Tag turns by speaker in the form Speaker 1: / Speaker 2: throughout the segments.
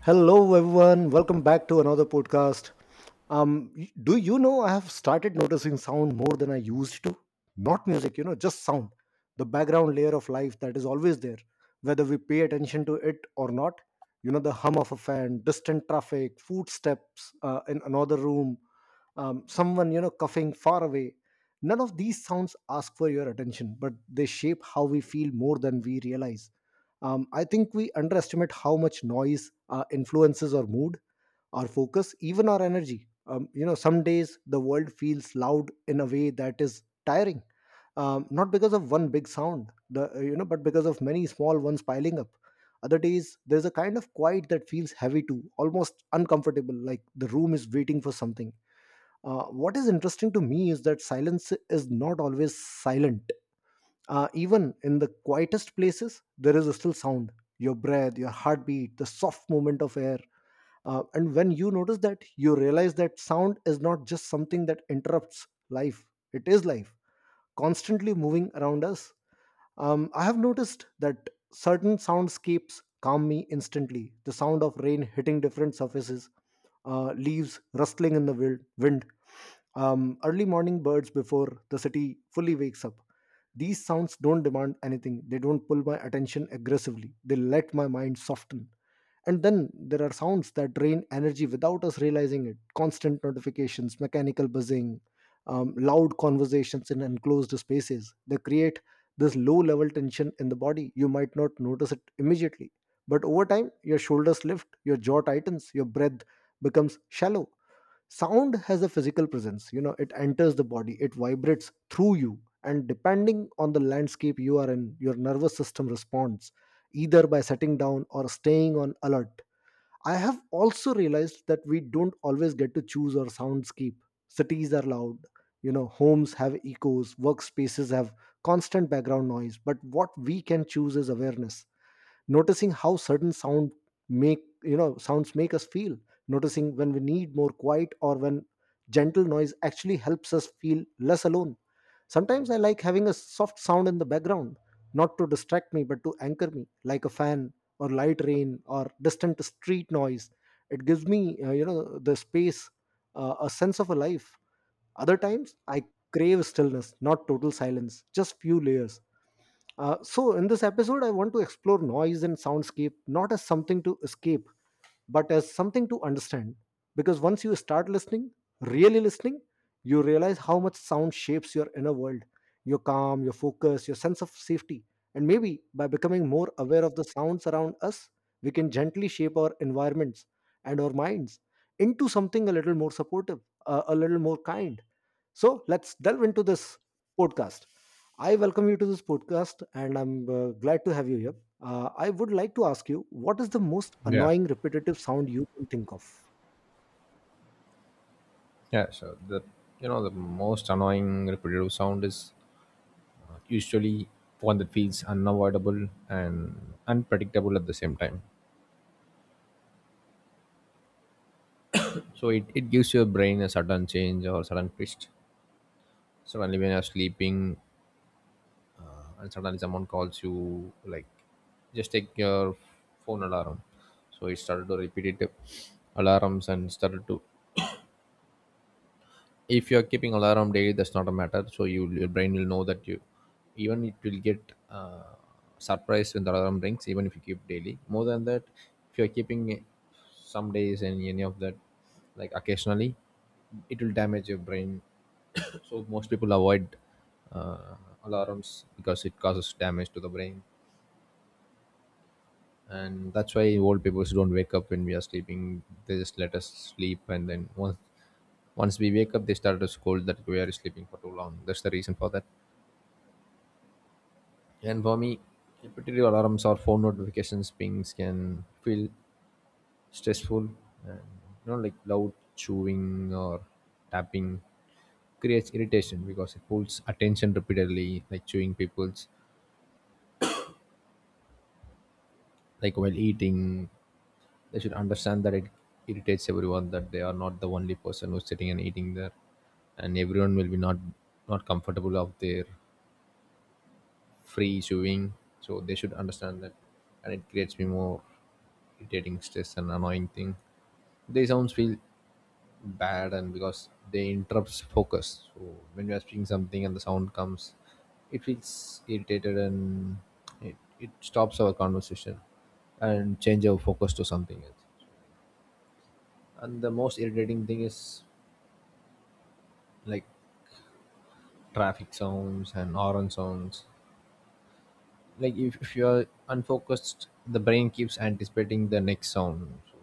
Speaker 1: Hello, everyone. Welcome back to another podcast. Do you know I have started noticing sound more than I used to? Not music, you know, just sound. The background layer of life that is always there, whether we pay attention to it or not. You know, the hum of a fan, distant traffic, footsteps in another room, someone, you know, coughing far away. None of these sounds ask for your attention, but they shape how we feel more than we realize. I think we underestimate how much noise influences our mood, our focus, even our energy. You know, some days the world feels loud in a way that is tiring, not because of one big sound, but because of many small ones piling up. Other days there's a kind of quiet that feels heavy too, almost uncomfortable, like the room is waiting for something. What is interesting to me is that silence is not always silent. Even in the quietest places, there is still sound, your breath, your heartbeat, the soft movement of air. And when you notice that, you realize that sound is not just something that interrupts life, it is life, constantly moving around us. I have noticed that certain soundscapes calm me instantly. The sound of rain hitting different surfaces, leaves rustling in the wind, early morning birds before the city fully wakes up. These sounds don't demand anything, they don't pull my attention aggressively, they let my mind soften. And then there are sounds that drain energy without us realizing it, constant notifications, mechanical buzzing, loud conversations in enclosed spaces. They create this low level tension in the body. You might not notice it immediately, but over time, your shoulders lift, your jaw tightens, your breath becomes shallow. Sound has a physical presence, you know, it enters the body, it vibrates through you, and depending on the landscape you are in, your nervous system responds either by sitting down or staying on alert. I have also realized that we don't always get to choose our soundscape. Cities are loud, you know, homes have echoes, workspaces have constant background noise, but what we can choose is awareness, noticing how certain sounds make us feel, noticing when we need more quiet or when gentle noise actually helps us feel less alone. Sometimes I like having a soft sound in the background, not to distract me but to anchor me, like a fan or light rain or distant street noise. It gives me the space, a sense of a life. Other times I crave stillness, not total silence, just few layers. So, in this episode, I want to explore noise and soundscape not as something to escape, but as something to understand. Because once you start listening, really listening, you realize how much sound shapes your inner world, your calm, your focus, your sense of safety. And maybe by becoming more aware of the sounds around us, we can gently shape our environments and our minds into something a little more supportive, a little more kind. So let's delve into this podcast. I welcome you to this podcast and I'm glad to have you here. I would like to ask you, what is the most
Speaker 2: Yeah,
Speaker 1: annoying repetitive sound you can think of?
Speaker 2: yeah. So the you know the most annoying repetitive sound is usually one that feels unavoidable and unpredictable at the same time. So it gives your brain a sudden change or sudden twist. So suddenly when you're sleeping, and suddenly someone calls you, like just take your phone alarm. So it started to repeat it alarms, and started to, if you're keeping alarm daily that's not a matter, so you your brain will know that you even it will get uh, surprised when the alarm rings, even if you keep daily more than that. If you're keeping some days and any of that, like occasionally, it will damage your brain. So most people avoid uh, alarms because it causes damage to the brain. And that's why old people don't wake up when we are sleeping, they just let us sleep, and then once once we wake up they start to scold that we are sleeping for too long, that's the reason for that. And for me, repetitive alarms or phone notifications pings can feel stressful, and you know, like loud chewing or tapping creates irritation because it pulls attention repeatedly, like chewing people's, like while eating. They should understand that it irritates everyone, that they are not the only person who's sitting and eating there, and everyone will be not comfortable of their free chewing. So they should understand that, and it creates me more irritating stress and annoying thing. They sounds feel bad, and because they interrupts focus. So when we are speaking something and the sound comes, it feels irritated, and it stops our conversation and change our focus to something else. And the most irritating thing is like traffic sounds and horn sounds. Like if you're unfocused, the brain keeps anticipating the next sound. So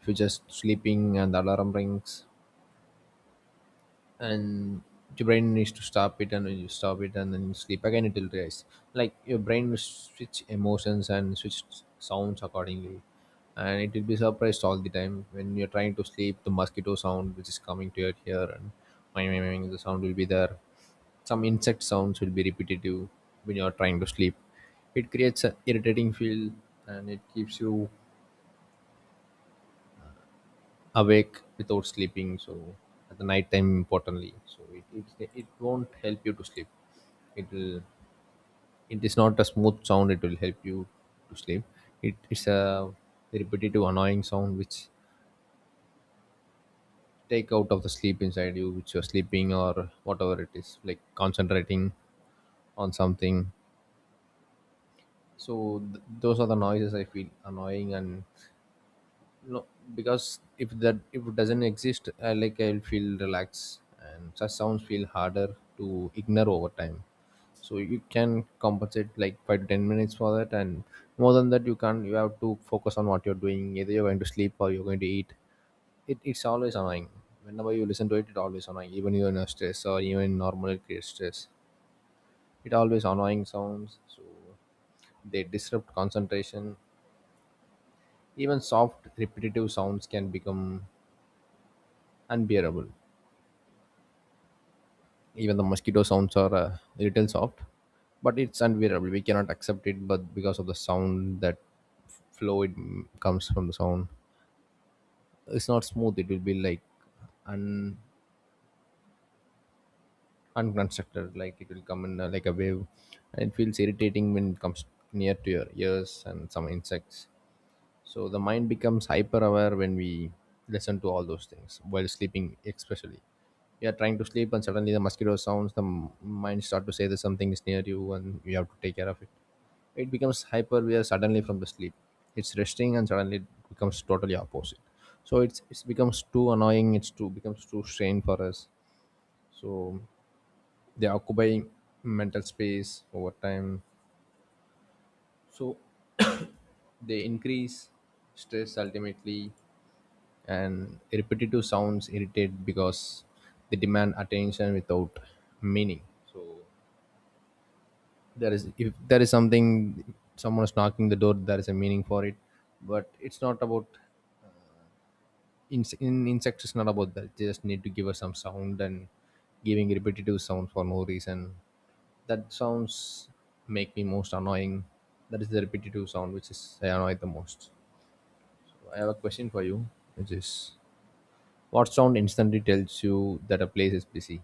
Speaker 2: if you're just sleeping and the alarm rings, and your brain needs to stop it, and then you stop it and then you sleep again, it will rise. Like your brain will switch emotions and switch sounds accordingly. And it will be surprised all the time when you're trying to sleep. The mosquito sound which is coming to your ear, and the sound will be there. Some insect sounds will be repetitive when you're trying to sleep. It creates an irritating feel, and it keeps you awake without sleeping. So at the night time, importantly, so it won't help you to sleep. It will. It is not a smooth sound. It will help you to sleep. It is a repetitive, annoying sound which take out of the sleep inside you, which you're sleeping or whatever it is, like concentrating on something. So those are the noises I feel annoying, and no, because if that, if it doesn't exist I, like I'll feel relaxed, and such sounds feel harder to ignore over time. So you can compensate like 5 to 10 minutes for that, and more than that you can't, you have to focus on what you're doing, either you're going to sleep or you're going to eat. It's always annoying, whenever you listen to it it always annoying, even you're in a stress or even in normal it creates stress. It always annoying sounds, so they disrupt concentration. Even soft repetitive sounds can become unbearable. Even the mosquito sounds are a little soft, but it's unbearable, we cannot accept it, but because of the sound that comes from the sound. It's not smooth, it will be like un unconstructed, like it will come in like a wave, and it feels irritating when it comes near to your ears and some insects. So the mind becomes hyper aware when we listen to all those things while sleeping, especially. You are trying to sleep and suddenly the mosquito sounds, the mind start to say that something is near you and you have to take care of it. It becomes hyper aware suddenly from the sleep. It's resting and suddenly it becomes totally opposite. So it becomes too annoying. It's too becomes too strain for us. So they occupy mental space over time. So they increase stress ultimately. And repetitive sounds irritate because they demand attention without meaning. So there is, if there is something, someone is knocking the door, there is a meaning for it. But it's not about, in insects it's not about that, they just need to give us some sound, and giving repetitive sound for no reason, that sounds make me most annoying. That is the repetitive sound which is I annoy the most. So I have a question for you, which is, what sound instantly tells you that a place is busy?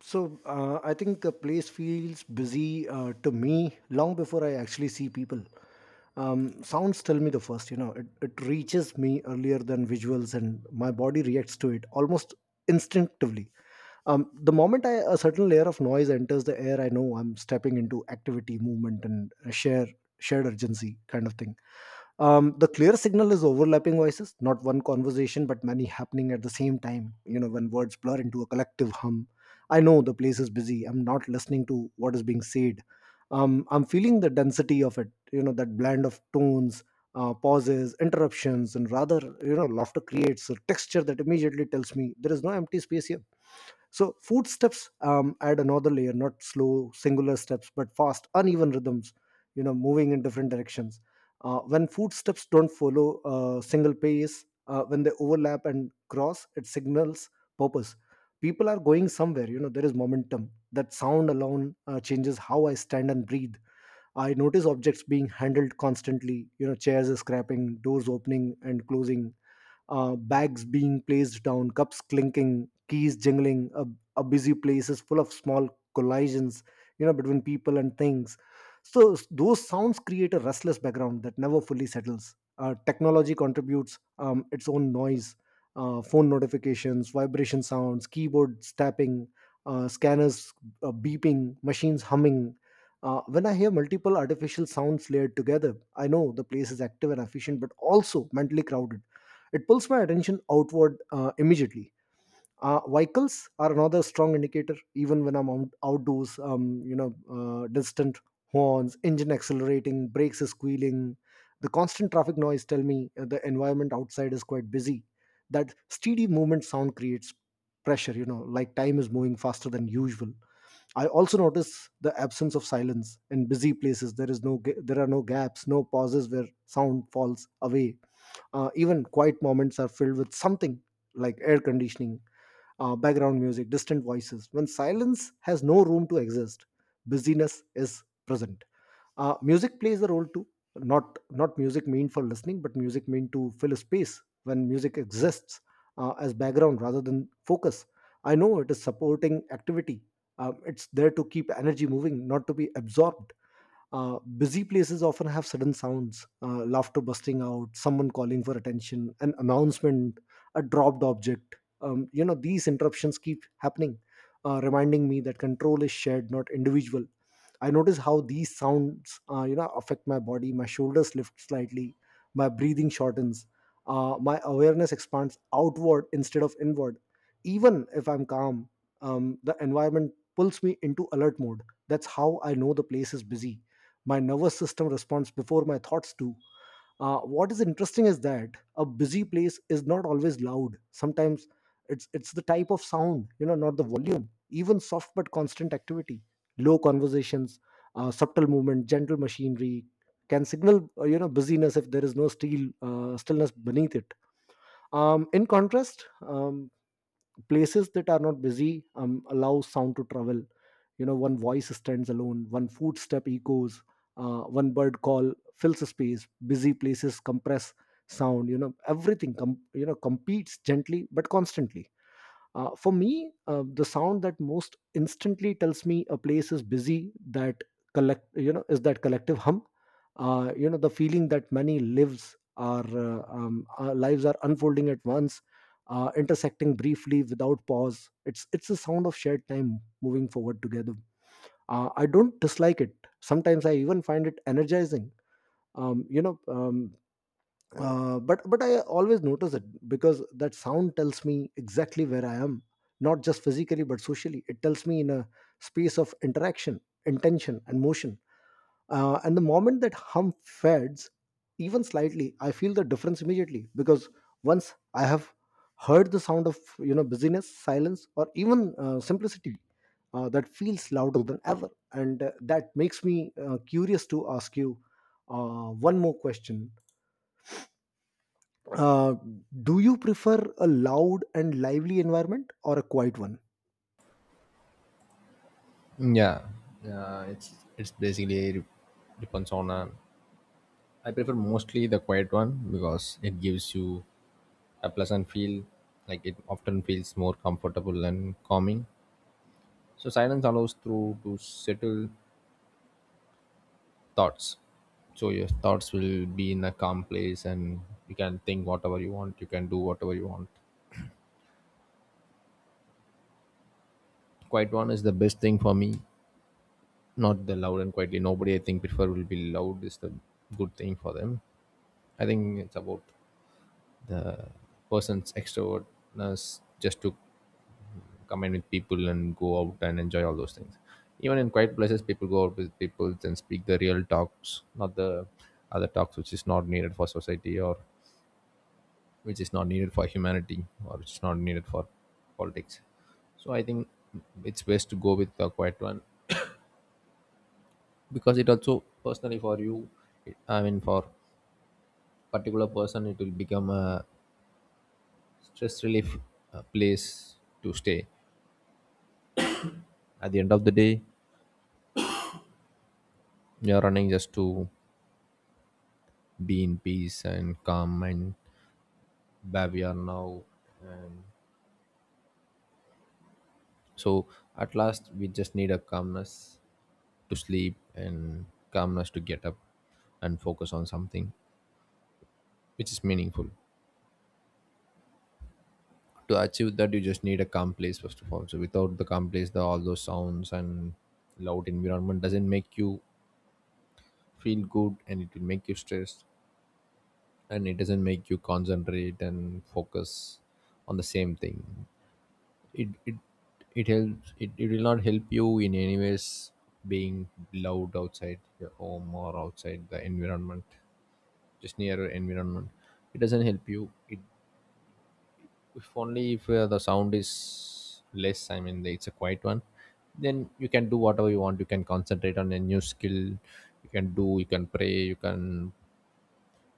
Speaker 1: So I think the place feels busy to me long before I actually see people. Sounds tell me the first, you know, it reaches me earlier than visuals and my body reacts to it almost instinctively. The moment a certain layer of noise enters the air, I know I'm stepping into activity, movement, and a shared urgency kind of thing. The clear signal is overlapping voices, not one conversation but many happening at the same time. You know, when words blur into a collective hum, I know the place is busy. I'm not listening to what is being said, I'm feeling the density of it. You know, that blend of tones, pauses, interruptions, and rather, you know, laughter creates a texture that immediately tells me there is no empty space here. So food steps add another layer, not slow singular steps, but fast, uneven rhythms, you know, moving in different directions. When food steps don't follow a single pace, when they overlap and cross, it signals purpose. People are going somewhere, you know, there is momentum. That sound alone changes how I stand and breathe. I notice objects being handled constantly, you know, chairs scrapping, doors opening and closing, bags being placed down, cups clinking, keys jingling. A busy place is full of small collisions, you know, between people and things. So those sounds create a restless background that never fully settles. Technology contributes its own noise, phone notifications, vibration sounds, keyboards tapping, scanners beeping, machines humming, when I hear multiple artificial sounds layered together, I know the place is active and efficient, but also mentally crowded. It pulls my attention outward immediately. Vehicles are another strong indicator, even when I'm outdoors. Distant horns, engine accelerating, brakes squealing. The constant traffic noise tell me the environment outside is quite busy. That steady movement sound creates pressure. You know, like time is moving faster than usual. I also notice the absence of silence in busy places. There is there are no gaps, no pauses where sound falls away. Even quiet moments are filled with something, like air conditioning, background music, distant voices. When silence has no room to exist, busyness is present. Music plays a role too. Not music meant for listening, but music meant to fill a space. When music exists as background rather than focus, I know it is supporting activity. It's there to keep energy moving, not to be absorbed. Busy places often have sudden sounds, laughter busting out, someone calling for attention, an announcement, a dropped object. You know, these interruptions keep happening, reminding me that control is shared, not individual. I notice how these sounds, you know, affect my body. My shoulders lift slightly, my breathing shortens, my awareness expands outward instead of inward. Even if I'm calm, the environment pulls me into alert mode. That's how I know the place is busy. My nervous system responds before my thoughts do. What is interesting is that a busy place is not always loud. Sometimes it's the type of sound, you know, not the volume. Even soft but constant activity, low conversations, subtle movement, gentle machinery can signal you know, busyness, if there is no steel stillness beneath it. In contrast, um, places that are not busy allow sound to travel. You know, one voice stands alone, one footstep echoes, one bird call fills a space. Busy places compress sound. You know, everything competes gently but constantly. For me, the sound that most instantly tells me a place is busy, that collect you know is that collective hum. You know, the feeling that many lives are our lives are unfolding at once, intersecting briefly without pause. It's a sound of shared time moving forward together. I don't dislike it. Sometimes I even find it energizing. Um, you know, um, but I always notice it, because that sound tells me exactly where I am, not just physically but socially. It tells me in a space of interaction, intention, and motion. And the moment that hum fades, even slightly, I feel the difference immediately, because once I have heard the sound of, you know, busyness, silence, or even simplicity, that feels louder than ever, and that makes me curious to ask you one more question uh, do you prefer a loud and lively environment or a quiet one?
Speaker 2: Yeah, yeah, it's basically depends on. I prefer mostly the quiet one because it gives you a pleasant feel. Like it often feels more comfortable and calming. So silence allows through to settle thoughts. So your thoughts will be in a calm place, and you can think whatever you want. You can do whatever you want. Quiet one is the best thing for me. Not the loud and quietly. Nobody I think prefer will be loud is the good thing for them. I think it's about the person's extrovertness, just to commune with people and go out and enjoy all those things. Even in quiet places, people go out with people and speak the real talks, not the other talks which is not needed for society, or which is not needed for humanity, or which is not needed for politics. So I think it's best to go with the quiet one, because it also personally for you, it, I mean for particular person, it will become a stress relief place to stay. At the end of the day, you're running just to be in peace and calm, and where we are now. And so at last, we just need a calmness to sleep and calmness to get up and focus on something which is meaningful. To achieve that, you just need a calm place first of all. So without the calm place, the, all those sounds and loud environment doesn't make you feel good, and it will make you stressed, and it doesn't make you concentrate and focus on the same thing. It it it helps it, it will not help you in any ways being loud outside your home or outside the environment, just near your environment, it doesn't help you. It, if only if the sound is less, I mean it's a quiet one, then you can do whatever you want, you can concentrate on a new skill, you can do, you can pray, you can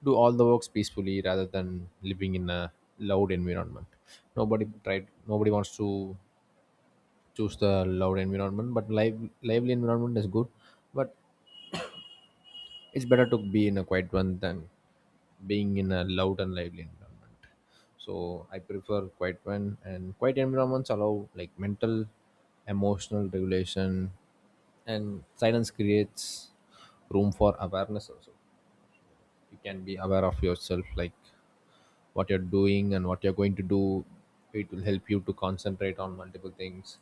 Speaker 2: do all the works peacefully, rather than living in a loud environment. Nobody tried, nobody wants to choose the loud environment, but live lively environment is good, but it's better to be in a quiet one than being in a loud and lively environment. So I prefer quiet one, and quiet environments allow like mental emotional regulation, and silence creates room for awareness also. You can be aware of yourself, like what you're doing and what you're going to do. It will help you to concentrate on multiple things,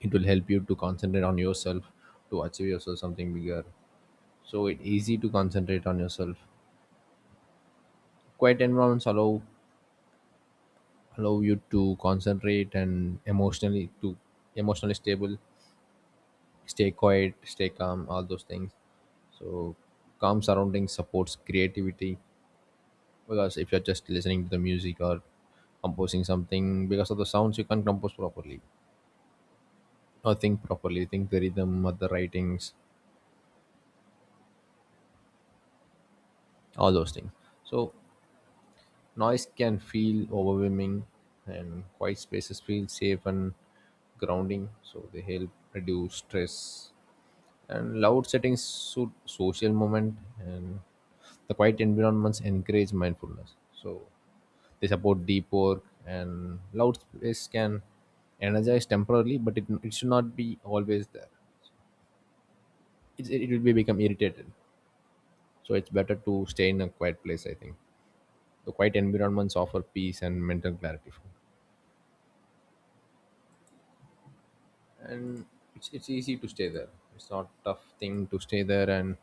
Speaker 2: it will help you to concentrate on yourself, to achieve yourself something bigger. So it's easy to concentrate on yourself. Quiet environments allow you to concentrate and emotionally to emotionally stable, stay quiet, stay calm, all those things. So calm surroundings supports creativity, because if you're just listening to the music or composing something, because of the sounds you can't compose properly, or think properly, think the rhythm or the writings, all those things. So noise can feel overwhelming, and quiet spaces feel safe and grounding, so they help reduce stress. And loud settings suit social moment, and the quiet environments encourage mindfulness. So they support deep work, and loud space can energize temporarily, but it should not be always there. It will be become irritated. So it's better to stay in a quiet place, I think. The quiet environments offer peace and mental clarity for me. And it's easy to stay there. It's not tough thing to stay there and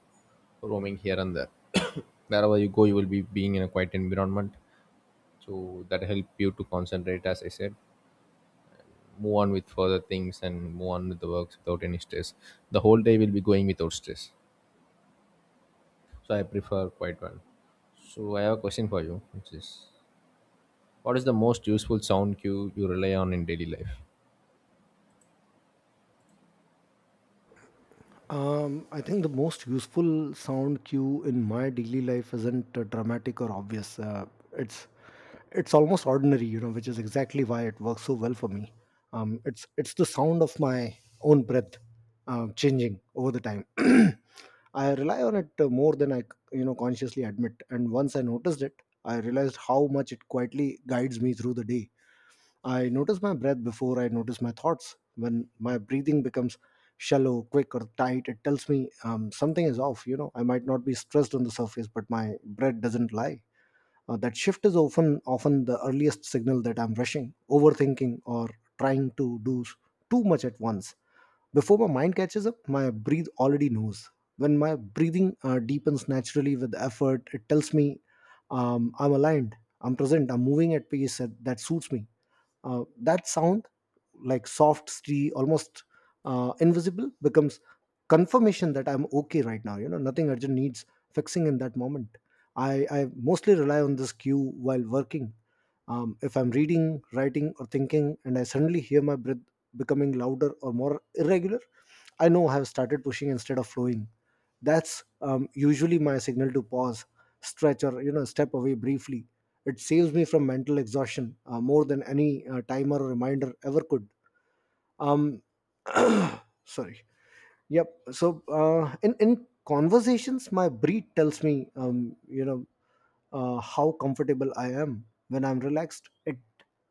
Speaker 2: roaming here and there. Wherever you go, you will be being in a quiet environment, so that help you to concentrate. As I said, move on with further things and move on with the works without any stress. The whole day will be going without stress, so I prefer quiet one. So I have a question for you, which is, what is the most useful sound cue you rely on in daily life?
Speaker 1: I think the most useful sound cue in my daily life isn't dramatic or obvious. It's it's almost ordinary, you know, which is exactly why it works so well for me. It's the sound of my own breath changing over the time. I rely on it more than I consciously admit, and once I noticed it, I realized how much it quietly guides me through the day. I notice my breath before I notice my thoughts. When my breathing becomes shallow, quick, or tight, it tells me something is off. You know, I might not be stressed on the surface, but my breath doesn't lie. That shift is often the earliest signal that I'm rushing, overthinking, or trying to do too much at once. Before my mind catches up, my breath already knows. When my breathing deepens naturally with effort, it tells me I'm aligned, I'm present, I'm moving at pace that suits me that sound like soft steady, almost invisible becomes confirmation that I'm okay right now, nothing urgent needs fixing in that moment. I mostly rely on this cue while working. If I'm reading, writing, or thinking and I suddenly hear my breath becoming louder or more irregular, I know I have started pushing instead of flowing. That's usually my signal to pause, stretch, or, step away briefly. It saves me from mental exhaustion, more than any timer or reminder ever could. Um Sorry. Yep. So in conversations, my breed tells me, how comfortable I am. When I'm relaxed, It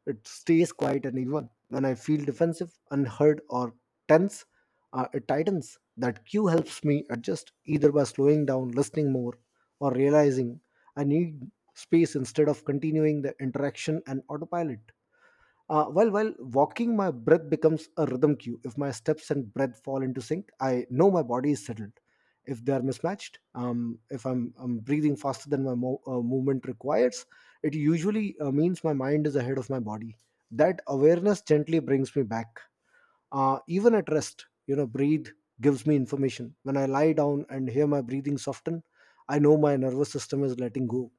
Speaker 1: it stays quiet and even. When I feel defensive, unheard, or tense, it tightens. That cue helps me adjust either by slowing down, listening more, or realizing I need space instead of continuing the interaction and autopilot. While walking, my breath becomes a rhythm cue. If my steps and breath fall into sync, I know my body is settled. If they are mismatched, if I'm breathing faster than my movement requires, it usually means my mind is ahead of my body. That awareness gently brings me back. Even at rest, breathe gives me information. When I lie down and hear my breathing soften, I know my nervous system is letting go.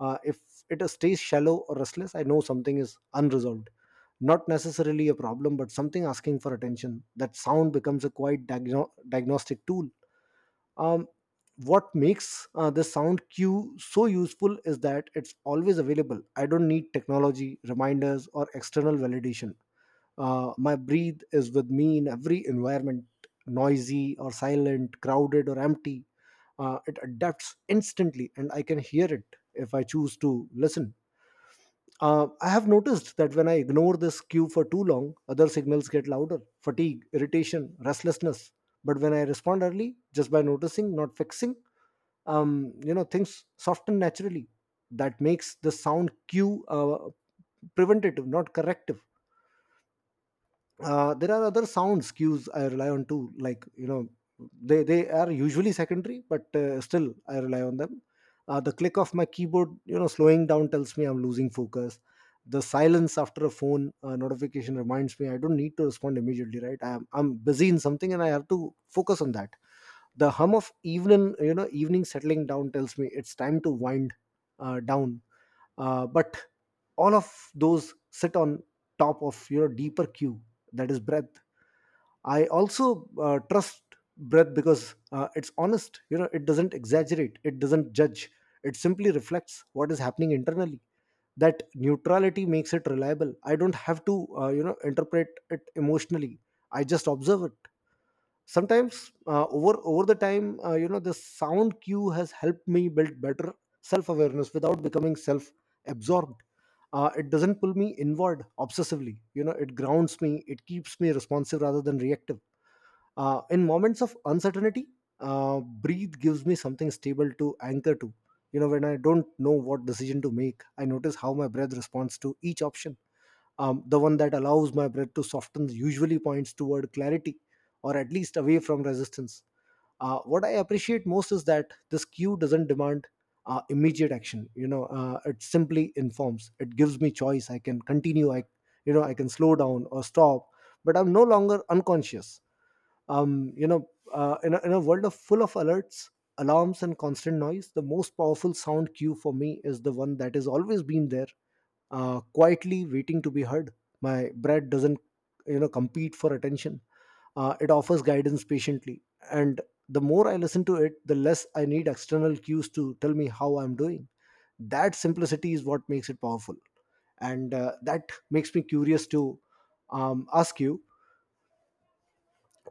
Speaker 1: If it stays shallow or restless, I know something is unresolved. Not necessarily a problem, but something asking for attention. That sound becomes a quite diagnostic tool. Um, what makes this sound cue so useful is that it's always available. I don't need technology, reminders, or external validation. My breathe is with me in every environment, noisy or silent, crowded or empty. It adapts instantly, and I can hear it if I choose to listen. I have noticed that when I ignore this cue for too long, other signals get louder: fatigue, irritation, restlessness. But when I respond early, just by noticing, not fixing, things soften naturally. That makes the sound cue preventative, not corrective. There are other sounds cues I rely on too, like, they are usually secondary, but still I rely on them. The click of my keyboard, slowing down, tells me I'm losing focus. The silence after a phone notification reminds me I don't need to respond immediately. Right, I'm busy in something and I have to focus on that. The hum of evening, evening settling down, tells me it's time to wind down. But all of those sit on top of your deeper cue, that is breath. I also trust breath because it's honest. It doesn't exaggerate, it doesn't judge. It simply reflects what is happening internally. That neutrality makes it reliable. I don't have to, interpret it emotionally, I just observe it. Sometimes, over the time, the sound cue has helped me build better self awareness without becoming self absorbed. It doesn't pull me inward obsessively. It grounds me, it keeps me responsive rather than reactive. In moments of uncertainty, breathe gives me something stable to anchor to. When I don't know what decision to make, I notice how my breath responds to each option. The one that allows my breath to soften usually points toward clarity, or at least away from resistance. What I appreciate most is that this cue doesn't demand immediate action. It simply informs. It gives me choice. I can continue, I you know I can slow down or stop, but I'm no longer unconscious. um, you know, in, a, in a world of full of alerts, alarms, and constant noise, the most powerful sound cue for me is the one that has always been there, quietly waiting to be heard. My breath doesn't, compete for attention. It offers guidance patiently, and the more I listen to it, the less I need external cues to tell me how I'm doing. That simplicity is what makes it powerful, and that makes me curious to ask you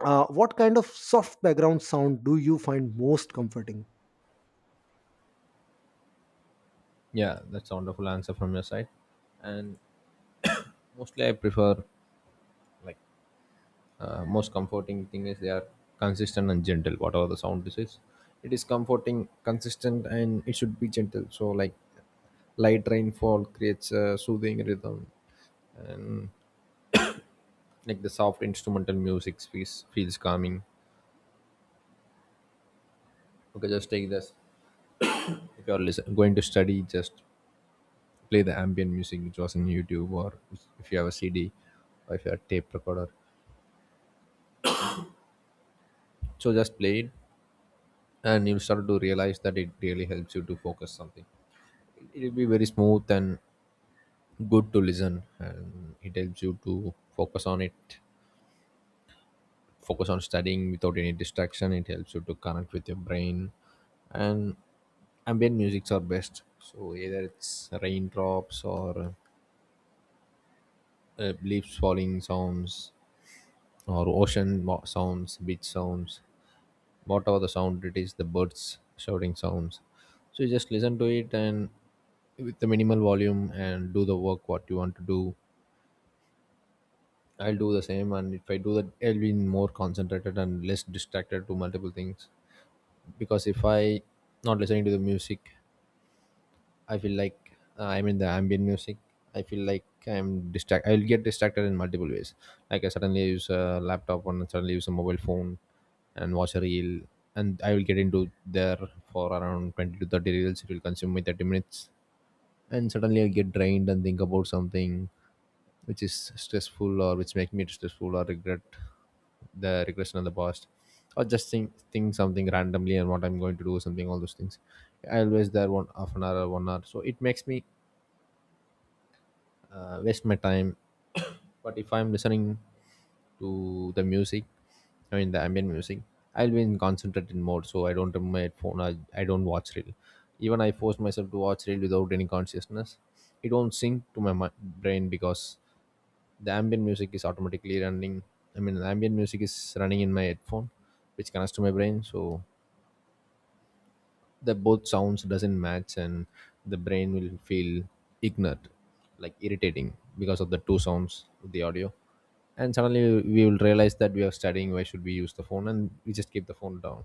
Speaker 1: what kind of soft background sound do you find most comforting?
Speaker 2: Yeah, that's a wonderful answer from your side. And mostly I prefer, like, most comforting thing is they are consistent and gentle. Whatever the sound this is, it is comforting, consistent, and it should be gentle. So like light rainfall creates a soothing rhythm, and like the soft instrumental music feels calming. Okay, just take this. If you are going to study, just play the ambient music which was in YouTube, or if you have a CD, or if you have a tape recorder, so just play it. And you'll start to realize that it really helps you to focus something. It will be very smooth and good to listen, and it helps you to focus on it, focus on studying without any distraction. It helps you to connect with your brain. And ambient musics are best. So either it's raindrops, or leaves falling sounds, or sounds, beach sounds, whatever the sound it is, the birds shouting sounds. So you just listen to it and with the minimal volume, and do the work what you want to do. I'll do the same, and if I do that, I'll be more concentrated and less distracted to multiple things. Because if I not listening to the music, I feel like I'm in the ambient music. I feel like I'm distract. I'll get distracted in multiple ways. Like I suddenly use a laptop and suddenly use a mobile phone and watch a reel, and I will get into there for around 20 to 30 reels. It will consume me 30 minutes, and suddenly I get drained and think about something which is stressful, or which make me stressful, or regret the regression of the past, or just think something randomly, and what I'm going to do something, all those things. I always there one half an hour or one hour, so it makes me waste my time. But if I'm listening to the music, I mean the ambient music, I'll be in concentrated mode. So I don't remove my phone. I don't watch reel. Even I force myself to watch reel without any consciousness, it won't sink to my brain, because the ambient music is automatically running. I mean the ambient music is running in my headphone, which connects to my brain. So the both sounds doesn't match, and the brain will feel ignorant, like irritating, because of the two sounds of the audio. And suddenly we will realize that we are studying, why should we use the phone, and we just keep the phone down.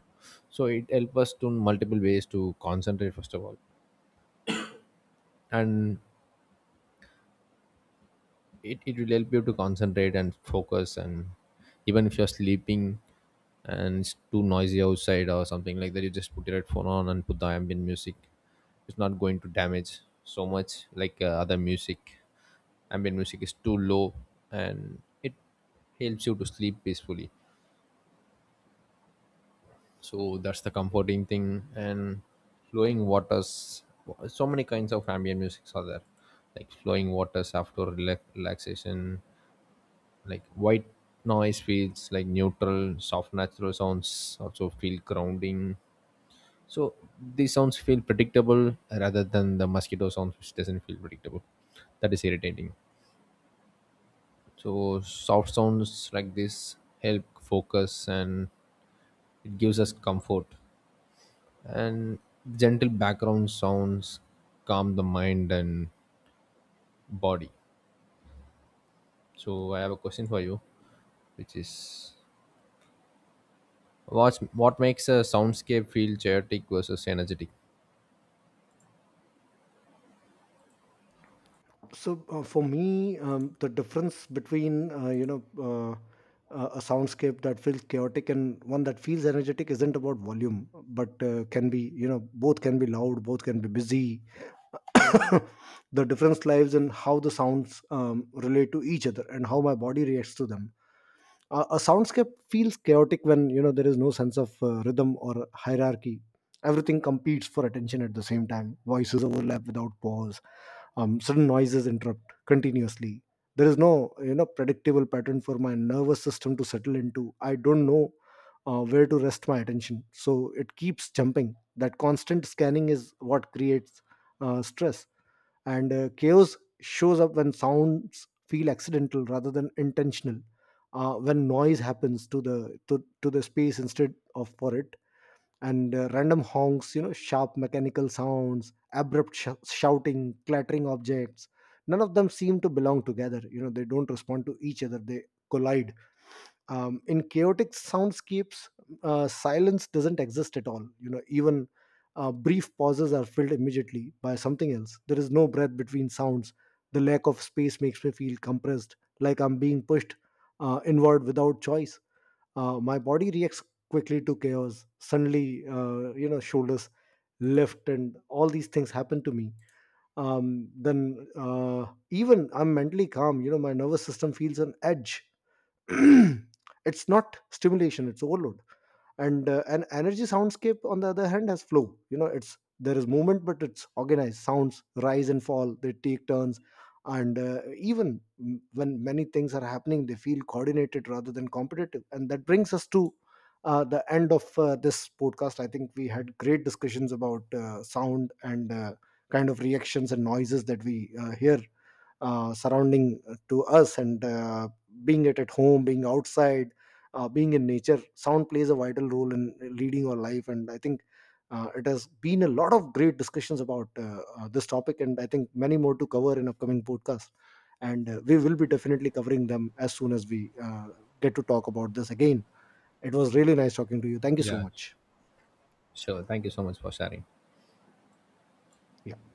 Speaker 2: So it helps us to multiple ways to concentrate first of all. And it will help you to concentrate and focus. And even if you're sleeping and it's too noisy outside or something like that, you just put your headphone on and put the ambient music. It's not going to damage so much like other music. Ambient music is too low, and it helps you to sleep peacefully. So that's the comforting thing. And flowing waters, so many kinds of ambient musics are there, like flowing waters after relaxation, like white noise feels like neutral, soft natural sounds also feel grounding. So these sounds feel predictable, rather than the mosquito sounds which doesn't feel predictable, that is irritating. So soft sounds like this help focus, and it gives us comfort. And gentle background sounds calm the mind and body. So I have a question for you, which is, what makes a soundscape feel chaotic versus energetic?
Speaker 1: So for me, the difference between, a soundscape that feels chaotic and one that feels energetic isn't about volume, but can be, both can be loud, both can be busy. The difference lies in how the sounds relate to each other and how my body reacts to them. A soundscape feels chaotic when, there is no sense of rhythm or hierarchy. Everything competes for attention at the same time. Voices overlap without pause. Sudden noises interrupt continuously. There is no, predictable pattern for my nervous system to settle into. I don't know where to rest my attention, so it keeps jumping. That constant scanning is what creates stress. And chaos shows up when sounds feel accidental rather than intentional, when noise happens to to the space instead of for it. And random honks, sharp mechanical sounds, abrupt shouting, clattering objects, none of them seem to belong together. They don't respond to each other, they collide. In chaotic soundscapes, silence doesn't exist at all. Even brief pauses are filled immediately by something else. There is no breath between sounds. The lack of space makes me feel compressed, like I'm being pushed inward without choice. My body reacts quickly to chaos suddenly. Shoulders lift, and all these things happen to me. Then even I'm mentally calm, my nervous system feels on edge. It's not stimulation, it's overload. And an energy soundscape, on the other hand, has flow. It's, there is movement, but it's organized. Sounds rise and fall, they take turns, and even when many things are happening, they feel coordinated rather than competitive. And that brings us to the end of this podcast. I think we had great discussions about sound and kind of reactions and noises that we hear surrounding to us, and being it at home, being outside, being in nature, sound plays a vital role in leading our life. And I think it has been a lot of great discussions about this topic, and I think many more to cover in upcoming podcasts. And we will be definitely covering them as soon as we get to talk about this again. It was really nice talking to you, thank you so
Speaker 2: Yeah,
Speaker 1: much.
Speaker 2: sure. Thank you so much for sharing.
Speaker 1: Yeah.